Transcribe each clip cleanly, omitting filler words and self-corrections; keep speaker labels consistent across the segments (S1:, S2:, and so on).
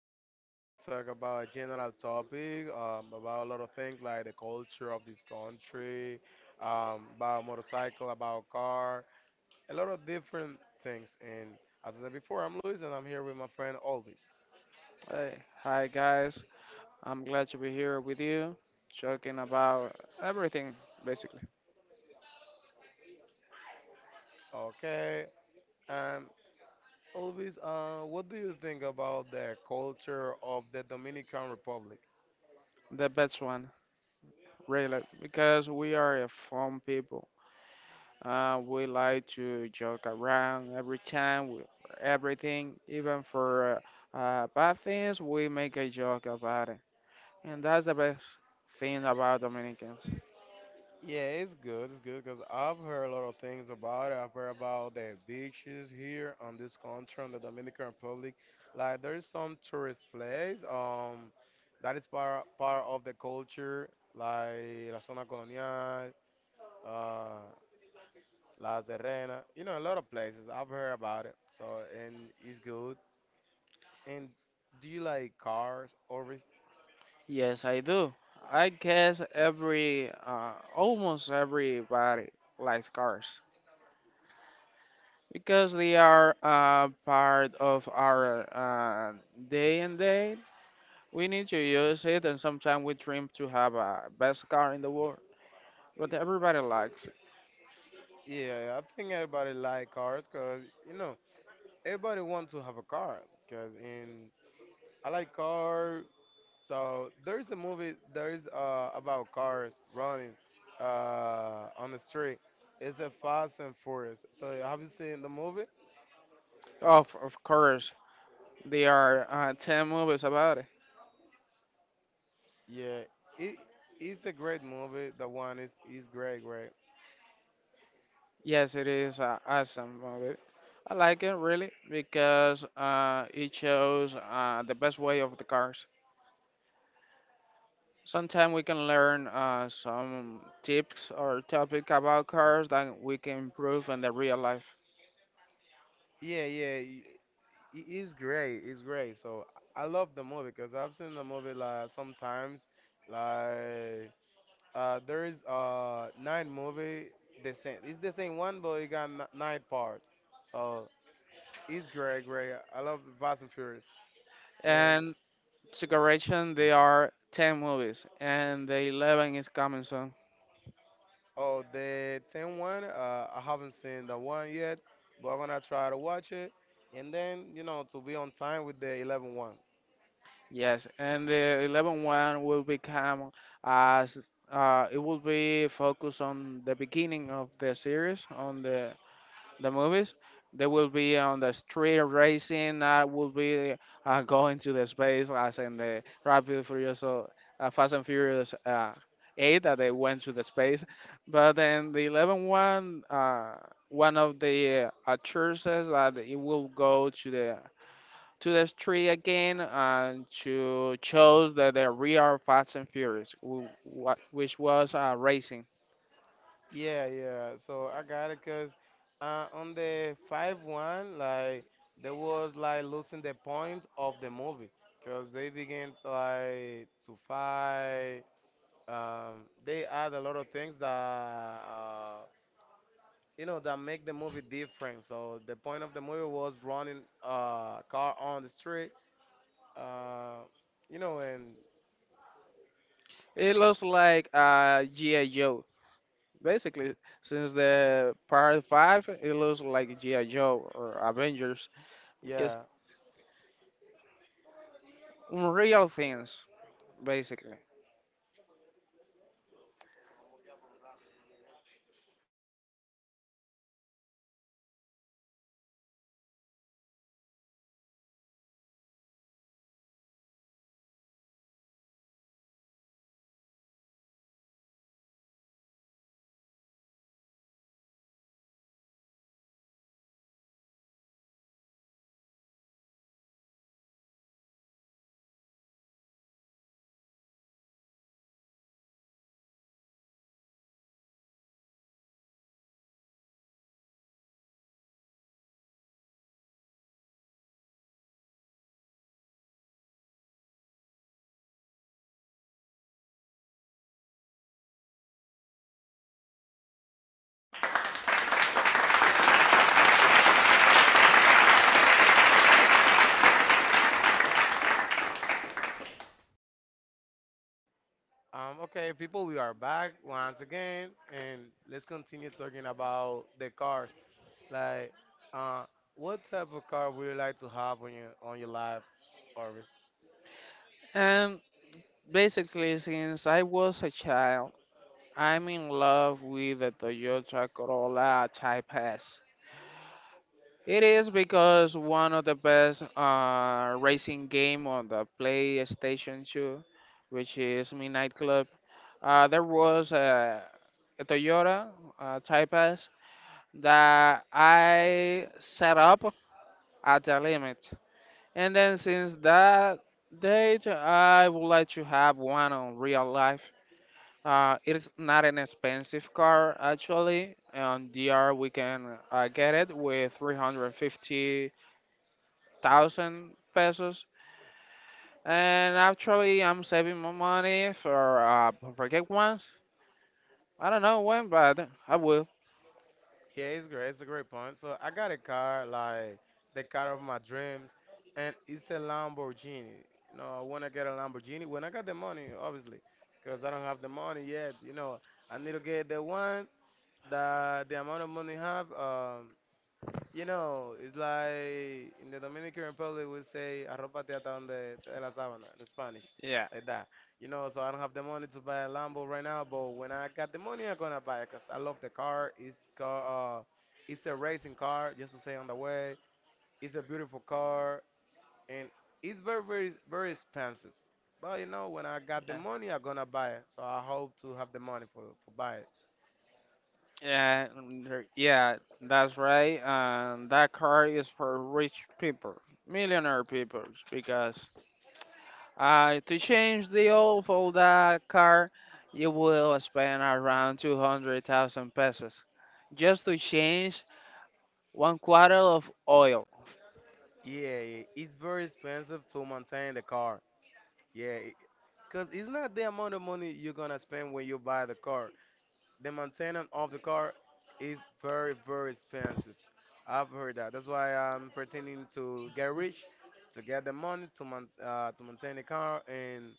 S1: and we're now gonna talk about a general topic, about a lot of things like the culture of this country, about motorcycle, about car, a lot of different things. And as I said before, I'm Luis, and I'm here with my friend Alvis.
S2: hey, hi guys. I'm glad to be here with you, talking about everything, basically.
S1: Okay, um, Alvis, what do you think about the culture of the Dominican Republic?
S2: The best one, really, because we are a fun people. We like to joke around every time, everything, even for bad things, we make a joke about it. And that's the best thing about Dominicans.
S1: Yeah, it's good. It's good because I've heard a lot of things about it. I've heard about the beaches here on this country, on the Dominican Republic. Like there is some tourist place that is part of the culture, like La Zona Colonial, uh, La Serena. You know, a lot of places. I've heard about it. So and it's good. And do you like cars? Always?
S2: Yes, I do. I guess almost everybody likes cars. Because they are part of our day and day. We need to use it, and sometimes we dream to have a best car in the world, but everybody likes it.
S1: Yeah, I think everybody like cars because you know everybody wants to have a car because in I like car. So there's a movie there's about cars running on the street. It's a Fast and Furious. So have you seen the movie?
S2: Of course, there are 10 movies about it.
S1: Yeah, it it's a great movie. The one is great, great.
S2: Yes, it is an awesome movie. I like it really because it shows the best way of the cars. Sometimes we can learn some tips or topic about cars that we can improve in the real life.
S1: Yeah, yeah, it is great. It's great. So I love the movie because I've seen the movie like sometimes, like there is nine movie the same. It's the same one, but it got nine parts. So it's great, great. I love Fast and Furious. And
S2: And Sugaration, there are 10 movies, and the 11 is coming soon.
S1: oh, the 10 one, I haven't seen the one yet, but I'm gonna try to watch it. And then, you know, to be on time with the 11 one.
S2: Yes, and the 11 one will become as it will be focused on the beginning of the series, on the movies. They will be on the street racing. Will be going to the space, as in the Rapid and Furious, so, Fast and Furious Eight, that they went to the space. But then the 11 one, one of the churches that it will go to the street again and to chose that the real Fast and Furious, which was racing.
S1: Yeah, yeah. So I got it 'cause on the 5 one, like, there was like losing the point of the movie, cause they began to, like to fight. They add a lot of things that uh, you know that make the movie different so the point of the movie was running a car on the street uh, you know and
S2: It looks like G.I. Basically, since the part five, it looks like G.I. Joe or Avengers, because
S1: yeah
S2: real things, basically.
S1: okay people we are back once again and let's continue talking about the cars like uh, what type of car would you like to have on your life Oris?
S2: And basically, since I was a child, I'm in love with the Toyota Corolla Type S. It is because one of the best racing game on the PlayStation 2, which is Midnight Club. There was a Toyota Type S that I set up at the limit. And then since that date, I would like to have one on real life. It's not an expensive car actually. On DR, we can get it with 350,000 pesos. And actually, I'm saving my money for for get ones. I don't know when, but I will.
S1: Yeah, it's great. It's a great point. So I got a car, like the car of my dreams, and it's a Lamborghini. You know, I want to get a Lamborghini when I got the money, obviously, because I don't have the money yet. You know, I need to get the one that the amount of money I have. You know, it's like in the Dominican Republic we say arrópate hasta donde te dé la sábana in Spanish,
S2: Yeah.
S1: like that. You know, so I don't have the money to buy a Lambo right now, but when I got the money, I'm gonna buy it 'cause I love the car. It's car, it's a racing car, just to say on the way. It's a beautiful car, and it's very, very, very expensive. But you know, when I got the money, I'm gonna buy it. So I hope to have the money for buy it.
S2: Yeah, mm, yeah, that's right. And that car is for rich people, millionaire people, because to change the oil for that car, you will spend around 200,000 pesos just to change one quarter of oil.
S1: Yeah, yeah, it's very expensive to maintain the car. Yeah, because it's not the amount of money you're going to spend when you buy the car. The maintenance of the car is very, very expensive. I've heard that. That's why I'm pretending to get rich, to get the money to, man, to maintain the car and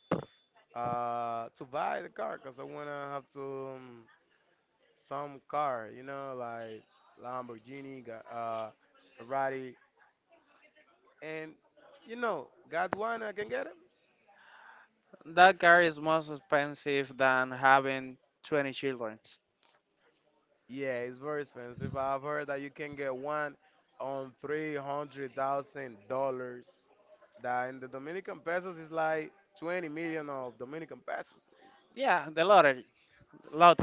S1: to buy the car. Because I want to have to um, some car, you know, like Lamborghini, Ferrari. And, you know, got one, I can get it.
S2: That car is more expensive than having 20 children.
S1: Yeah, it's very expensive. I've heard that you can get one on $300,000. That in the Dominican pesos is like 20 million of Dominican pesos.
S2: Yeah, the lottery, lot.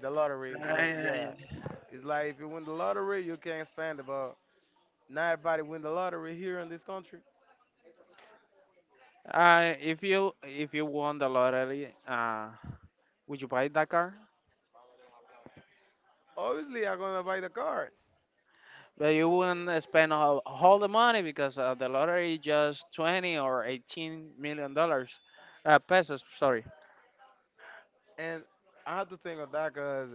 S1: The lottery,
S2: Uh,
S1: yeah, it's like if you win the lottery, you can spend about. Not everybody win the lottery here in this country.
S2: if you won the lottery, would you buy that car?
S1: Obviously, I'm gonna buy the car,
S2: But you wouldn't spend all the money because the lottery just 20 or 18 million dollars, pesos. Sorry.
S1: and I have to think of that because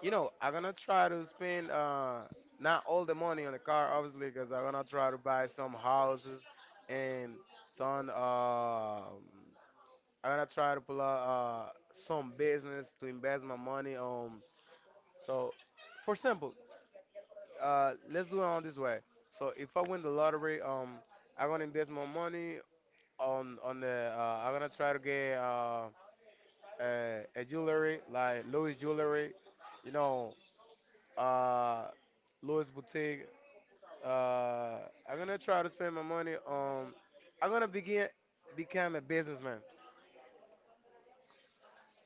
S1: you know, I'm gonna try to spend not all the money on the car, obviously, because I'm gonna try to buy some houses and some. I'm gonna try to pull out some business to invest my money on. So, for example, let's do it on this way. So if I win the lottery, I'm gonna invest my money on the. I'm gonna try to get a jewelry like Louis jewelry, you know uh, Louis Boutique. Uh, I'm gonna try to spend my money on. I'm gonna begin become a businessman.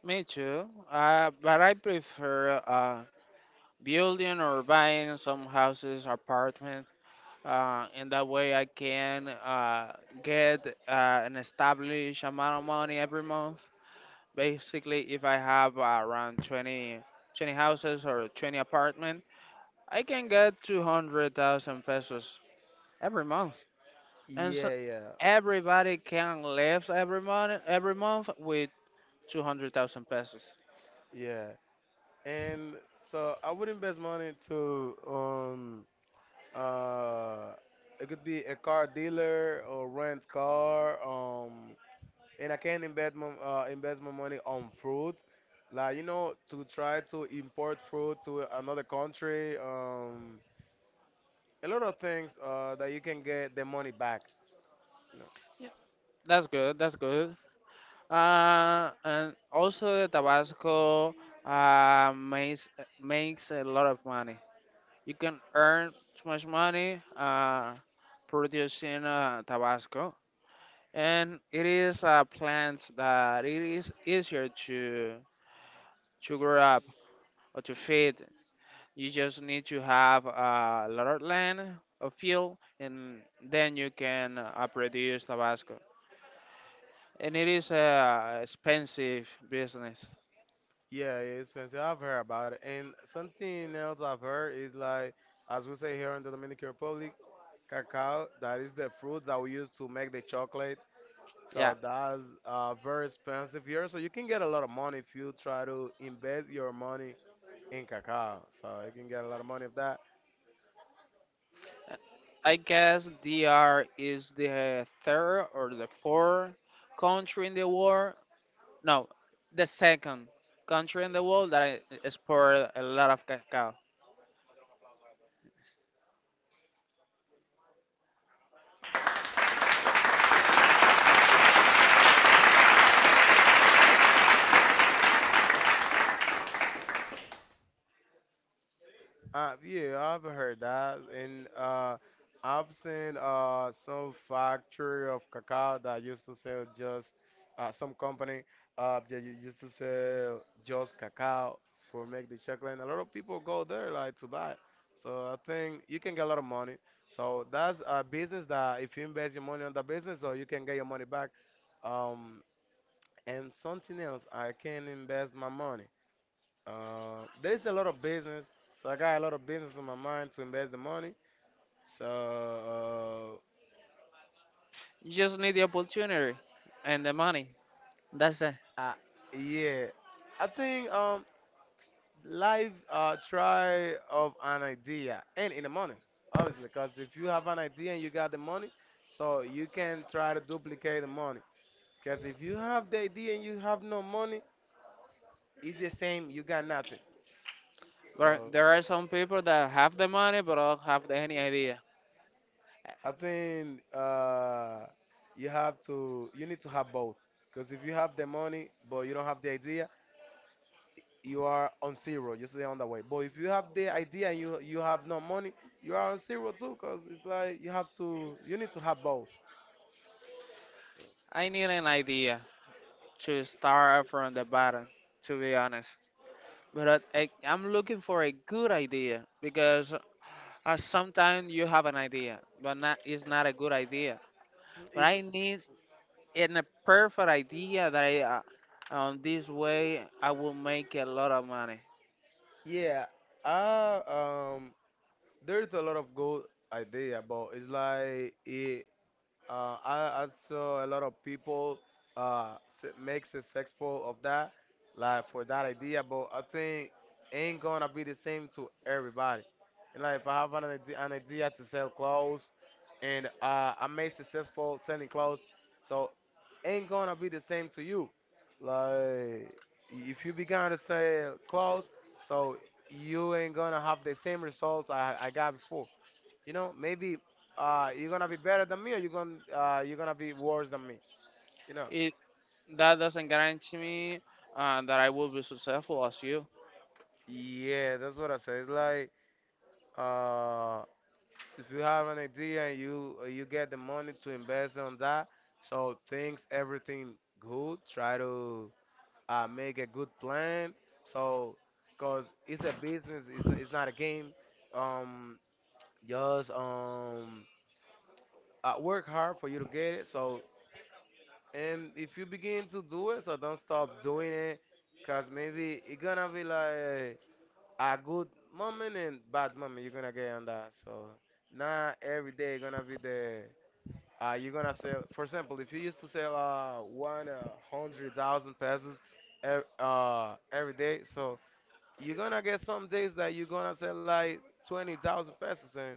S2: Me too. But I prefer building or buying some houses, apartment. In that way, I can get an established amount of money every month. Basically, if I have around twenty houses or 20 apartment, I can get 200,000 pesos every month. And so
S1: Yeah, yeah,
S2: everybody can live every month with 200,000 pesos.
S1: yeah. And so I would invest money to uh it could be a car dealer or rent car and I can invest my money on fruit. Like to try to import fruit to another country a lot of things that you can get the money back. You know.
S2: That's good. That's good. And also the Tabasco uh, makes makes a lot of money. You can earn so much money producing Tabasco, and it is a plant that it is easier to grow up or to feed. You just need to have a lot of land, of field, and then you can produce Tabasco. And it is a expensive business.
S1: Yeah, it's expensive. I've heard about it. And something else I've heard is like, as we say here in the Dominican Republic, cacao, that is the fruit that we use to make the chocolate.
S2: Yeah,
S1: So that's very expensive here. So you can get a lot of money if you try to invest your money in cacao. So you can get a lot of money of that.
S2: I guess DR is the third or the fourth country in the world. No, the second country in the world that I export a lot of cacao.
S1: Yeah, I've heard that, and I've seen some factory of cacao that used to sell just some company that used to sell just cacao for make the chocolate. And a lot of people go there like to buy. So I think you can get a lot of money. So that's a business that if you invest your money on the business, so you can get your money back. Um, and something else, I can invest my money. There's a lot of business, so I got a lot of business on my mind to invest the money. So,
S2: You just need the opportunity and the money. That's it.
S1: uh, I, yeah, I think live try of an idea and in the money, obviously, because if you have an idea and you got the money, so you can try to duplicate the money. Because if you have the idea and you have no money, it's the same. You got nothing.
S2: But
S1: So
S2: there are some people that have the money but don't have any idea.
S1: I think you need to have both. Because if you have the money but you don't have the idea, you are on zero. You stay on the way. But if you have the idea and you have no money, you are on zero too. Because it's like you need to have both.
S2: I need an idea to start from the bottom, to be honest. But I'm looking for a good idea because sometimes you have an idea, but not it's not a good idea. But
S1: It's
S2: I need a perfect idea on this way I will make a lot of money.
S1: yeah. I um, there's a lot of good idea, but it's like I saw a lot of people uh, make successful of that, like for that idea. But I think ain't gonna be the same to everybody. And like if I have an idea to sell clothes, and I made successful selling clothes, so ain't gonna be the same to you. Like if you began to sell clothes, so you ain't gonna have the same results I got before. You know, maybe you're gonna be better than me, or you're gonna be worse than me. You know.
S2: It That doesn't guarantee me that I will be successful as you.
S1: Yeah, that's what I say. It's like uh, if you have an idea and you get the money to invest on that, so things everything good. Try to make a good plan. So, cause it's a business. It's not a game. Um, just work hard for you to get it. So and if you begin to do it, so don't stop doing it, cause maybe it gonna be like a good moment and bad moment you're gonna get on that. So not every day gonna be the you're gonna sell. For example, if you used to sell 100,000 pesos every day, so you're gonna get some days that you're gonna sell like 20,000 pesos, and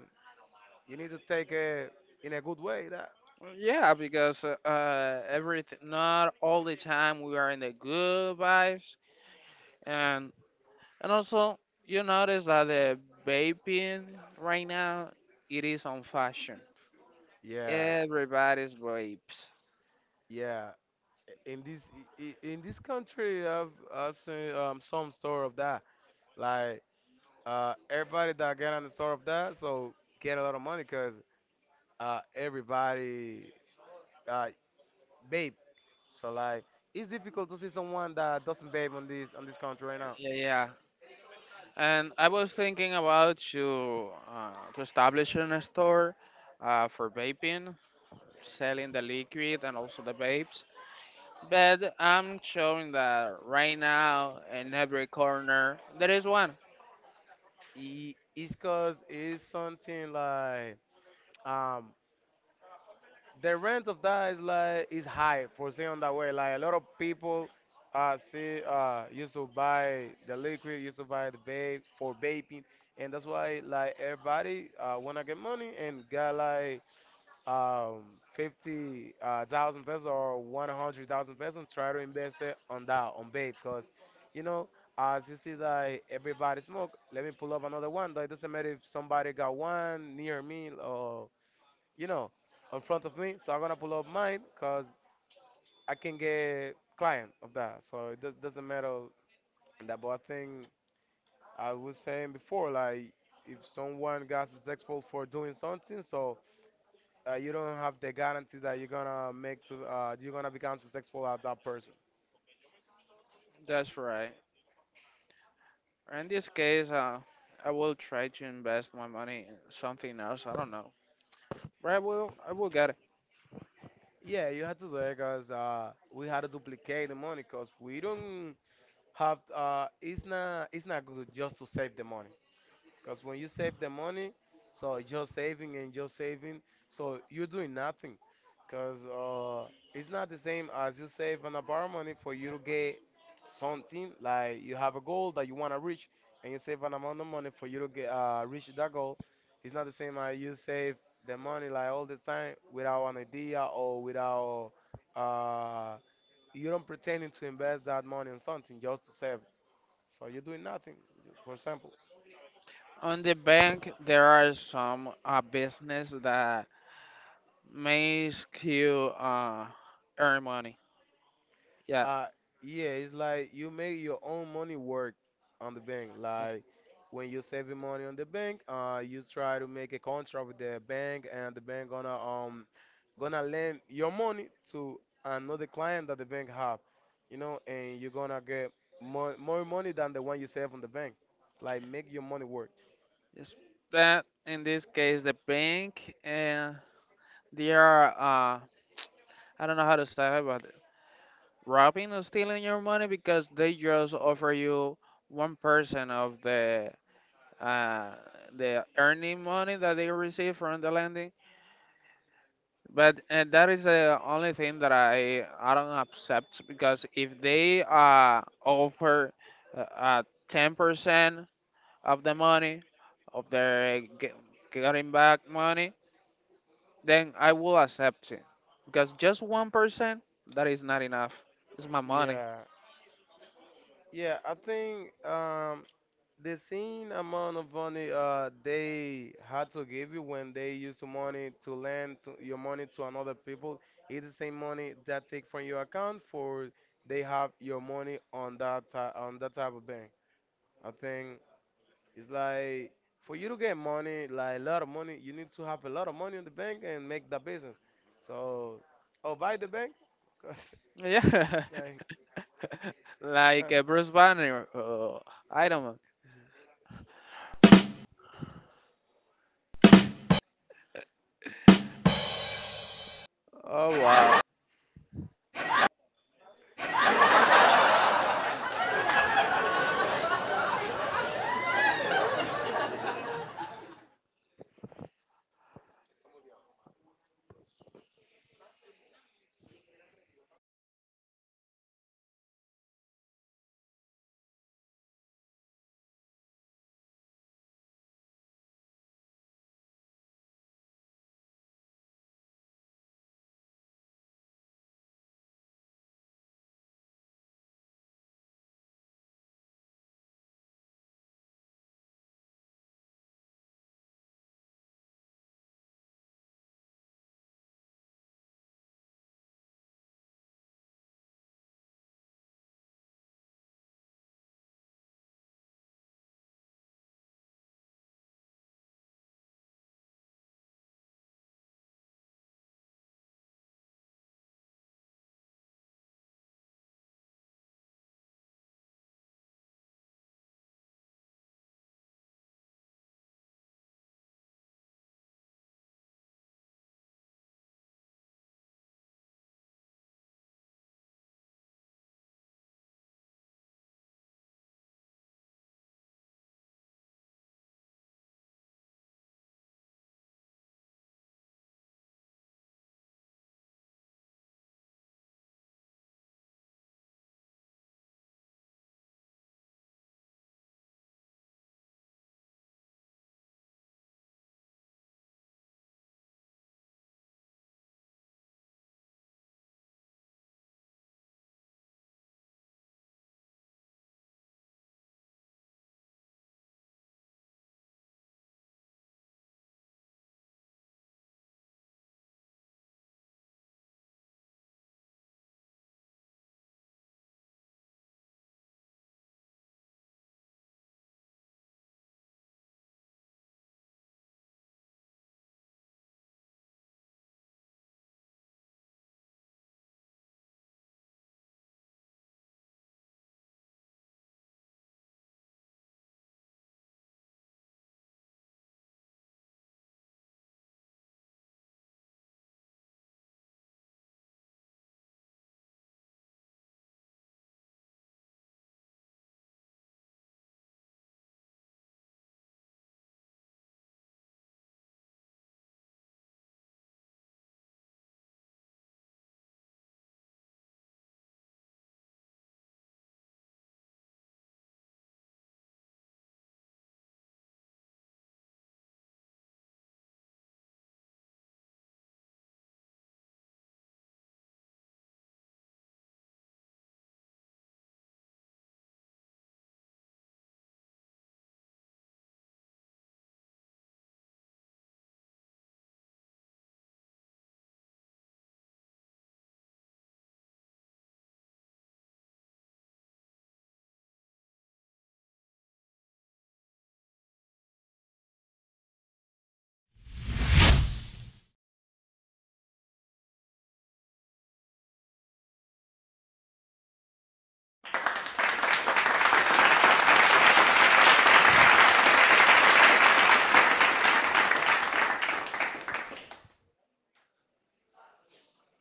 S1: you need to take it in a good way. That
S2: Yeah, because everything, not all the time we are in the good vibes, and and also, you notice that the vaping right now it is on fashion.
S1: yeah.
S2: Everybody's vapes.
S1: Yeah, in this in this country I've seen some story of that like everybody that get on the story of that so get a lot of money because everybody uh babe so like it's difficult to see someone that doesn't babe on this country right now
S2: Yeah, yeah. And I was thinking about to to establish in a store for vaping, selling the liquid and also the vapes. But I'm showing that right now in every corner there is one.
S1: it's cause it's something like um the rent of that is like is high for saying that way. Like a lot of people see used to buy the liquid, used to buy the vape for vaping, and that's why like everybody wanna get money and got like um 50 thousand pesos or 100,000 pesos try to invest it on that on vape, cause you know. As you see that everybody smoke, let me pull up another one. That doesn't matter if somebody got one near me or, you know, in front of me. So I'm gonna pull up mine because I can get client of that. So it does, doesn't matter that. But I think I was saying before, like if someone got successful for doing something, so you don't have the guarantee that you're gonna make to you're gonna become successful at that person.
S2: That's right. In this case, I will try to invest my money in something else. I don't know. Right, well, I will get it.
S1: Yeah, you had to do it because we had to duplicate the money because we don't have. It's not. It's not good just to save the money. Because when you save the money, so just saving and just saving, so you're doing nothing. Because it's not the same as you save and borrow money for you to get something, like you have a goal that you want to reach, and you save an amount of money for you to get reach that goal. It's not the same as you save the money like all the time without an idea or without uh, you don't pretending to invest that money in something just to save. So you're doing nothing, for example.
S2: On the bank, there are some business that makes you earn money. Yeah,
S1: Uh, yeah, it's like you make your own money work on the bank. Like when you're saving money on the bank, you try to make a contract with the bank, and the bank gonna gonna lend your money to another client that the bank have, you know, and you're gonna get more money than the one you save on the bank. It's like make your money work.
S2: it's that in this case, the bank, and they are, I don't know how to say it, but robbing or stealing your money because they just offer you 1% of uh, the earning money that they receive from the lending. But that is the only thing that I don't accept because if they offer uh, uh, 10% of the money of their getting back money, then I will accept it because just 1% that is not enough. It's my money.
S1: Yeah, yeah. I think. The same amount of money they had to give you when they use the money to lend to your money to another people is the same money that take from your account for they have your money on that on that type of bank. I think it's like for you to get money, like a lot of money, you need to have a lot of money on the bank and make the business. So, oh, buy the bank, 'cause,
S2: Yeah,
S1: like, uh,
S2: like Bruce Banner, Iron Man. Oh wow.
S1: whatever.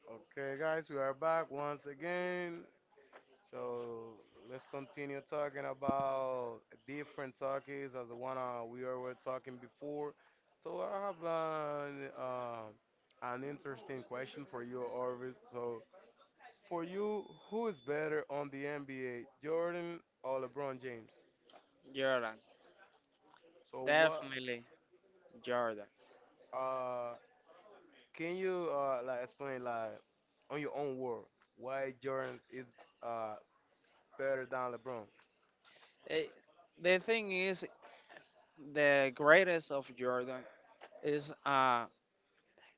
S1: Okay, guys, we are back once again. So let's continue talking about different topics as the one we were talking before. So I have an interesting question for you, Orvis. So for you, who is better on the NBA, Jordan or LeBron James?
S2: Jordan,
S1: So what
S2: definitely Jordan.
S1: uh, can you like explain like on your own word why Jordan is uh, better than LeBron?
S2: Eh, The thing is the greatest of Jordan is uh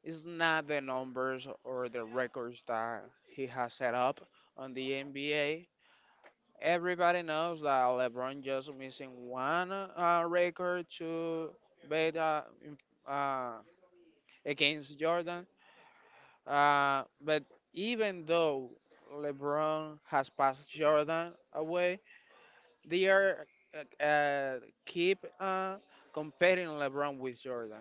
S2: is not the numbers or the records that he has set up on the NBA. Everybody knows that LeBron just missing one record to bet uh, against Jordan. But even though LeBron has passed Jordan away, they are uh, uh, keep comparing LeBron with Jordan.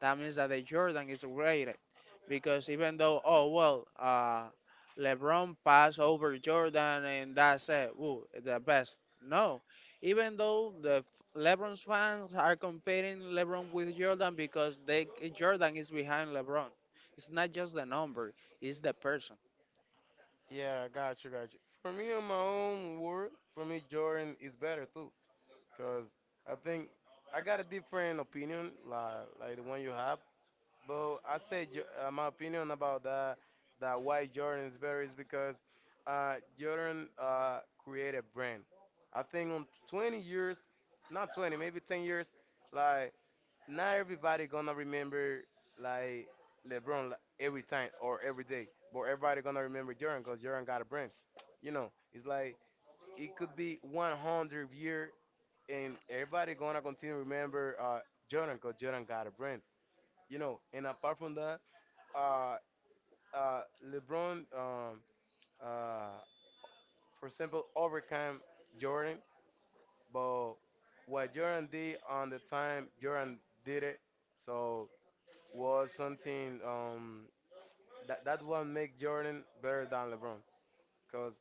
S2: That means that the Jordan is greater because even though oh well, LeBron passed over Jordan and that's it, ooh, the best. No, even though LeBron's fans are comparing LeBron with Jordan because they Jordan is behind LeBron. It's not just the number; it's the person,
S1: Yeah, got you. For me, on my own word, for me, Jordan is better too, cause I think I got a different opinion, like the one you have. But I say my opinion about that why Jordan is better is because Jordan created brand. I think on 20 years, not 20, maybe 10 years, like not everybody gonna remember like LeBron like, every time or every day, but everybody gonna remember Jordan because Jordan got a brand. You know, it's like it could be 100 year and everybody gonna continue remember Jordan because Jordan got a brand. You know, and apart from that, uh, uh, LeBron, uh, for example, overcame Jordan, but what Jordan did on the time, Jordan did it. So was something that one make Jordan better than LeBron because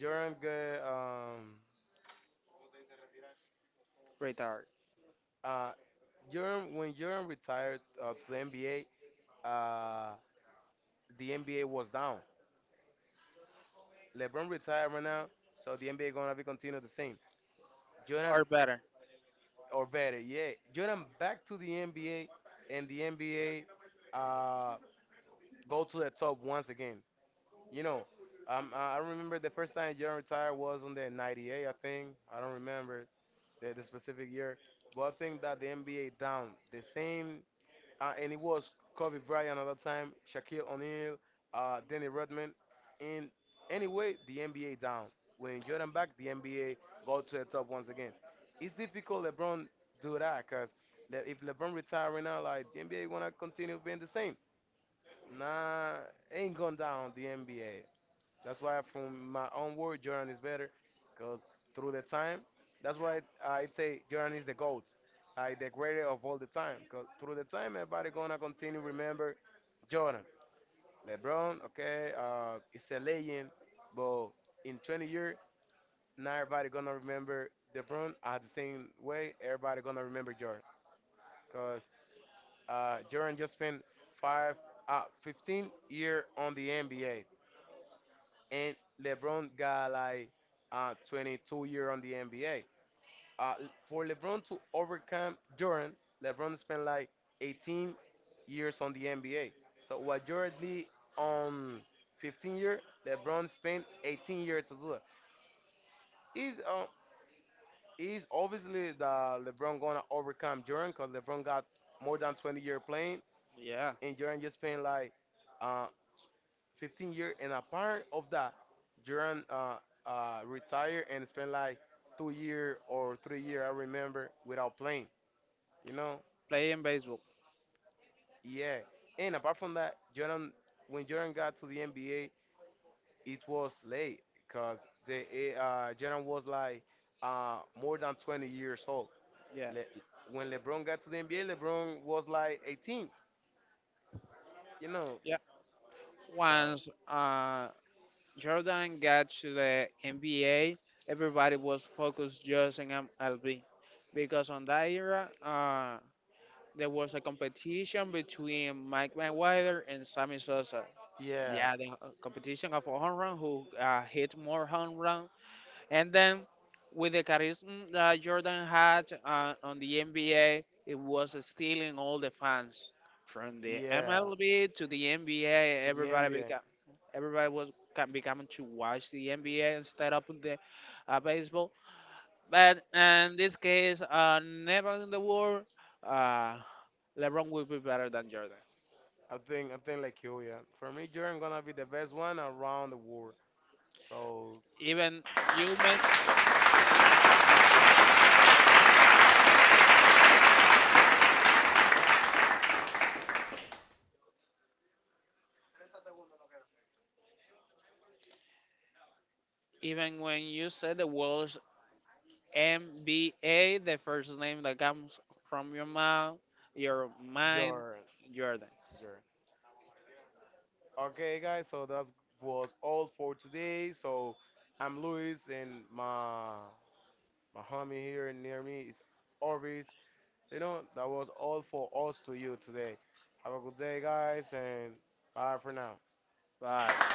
S1: Jordan get um
S2: right? Or
S1: uh Jordan when Jordan retired to the NBA, uh the NBA was down. LeBron retired right now, so the NBA gonna be continue the same. Jordan
S2: or better.
S1: or better, yeah. Jordan back to the NBA and the NBA uh go to the top once again. You know, I remember the first time Jordan retired was on the '98, I think. I don't remember the specific year. But I think that the NBA down the same, and it was Kobe Bryant at that time, Shaquille O'Neal, Danny Rodman. In anyway, the NBA down. When Jordan back, the NBA go to the top once again. It's difficult LeBron do that because if LeBron retire right now, like the NBA wanna continue being the same. Nah, ain't gone down the NBA. That's why, from my own word, Jordan is better, because through the time, that's why it's, I say Jordan is the goat, like the greatest of all the time. Because through the time, everybody gonna continue remember Jordan, LeBron. Okay, it's a legend, but in 20 years, not everybody gonna remember LeBron at the same way. Everybody gonna remember Jordan, because Jordan just spent five, 15 year on the NBA, and LeBron got like 22 year on the NBA. Uh, for LeBron to overcome Jordan, LeBron spent like 18 years on the NBA. So what Jordan did on 15-year, LeBron spent 18 years to do it. Is uh, is obviously the LeBron gonna overcome Jordan because LeBron got more than 20 year playing,
S2: Yeah,
S1: and you're just spend like uh, 15 years, and a part of that, you're retire and spend like 2 year or 3 year, I remember, without playing. You know,
S2: playing baseball.
S1: yeah. And apart from that, Jordan, when Jordan got to the NBA, it was late because Jordan was like more than 20 years old.
S2: Yeah.
S1: Le- when LeBron got to the NBA, LeBron was like 18. You know, so
S2: Once Jordan got to the NBA, everybody was focused just in MLB because on that era, there was a competition between Mike Mayweather and Sammy Sosa.
S1: yeah,
S2: Yeah, the competition of a home run who hit more home run and then with the charisma that Jordan had on the NBA, it was stealing all the fans from the
S1: yeah,
S2: MLB to the NBA.
S1: to the
S2: Everybody
S1: NBA.
S2: became, everybody was becoming to watch the NBA instead of the baseball. But in this case, never in the world, uh, LeBron will be better than Jordan.
S1: I think like you, yeah. For me, Jordan gonna be the best one around the world. So
S2: Even you may, even when you say the world MBA, the first name that comes from your mouth, your mind,
S1: Jordan,
S2: Jordan.
S1: Jordan. Okay, guys. So that was all for today. So I'm Luis, and my homie here near me is Orvis. So, you know that was all for us to you today. Have a good day, guys, and bye for now.
S2: Bye.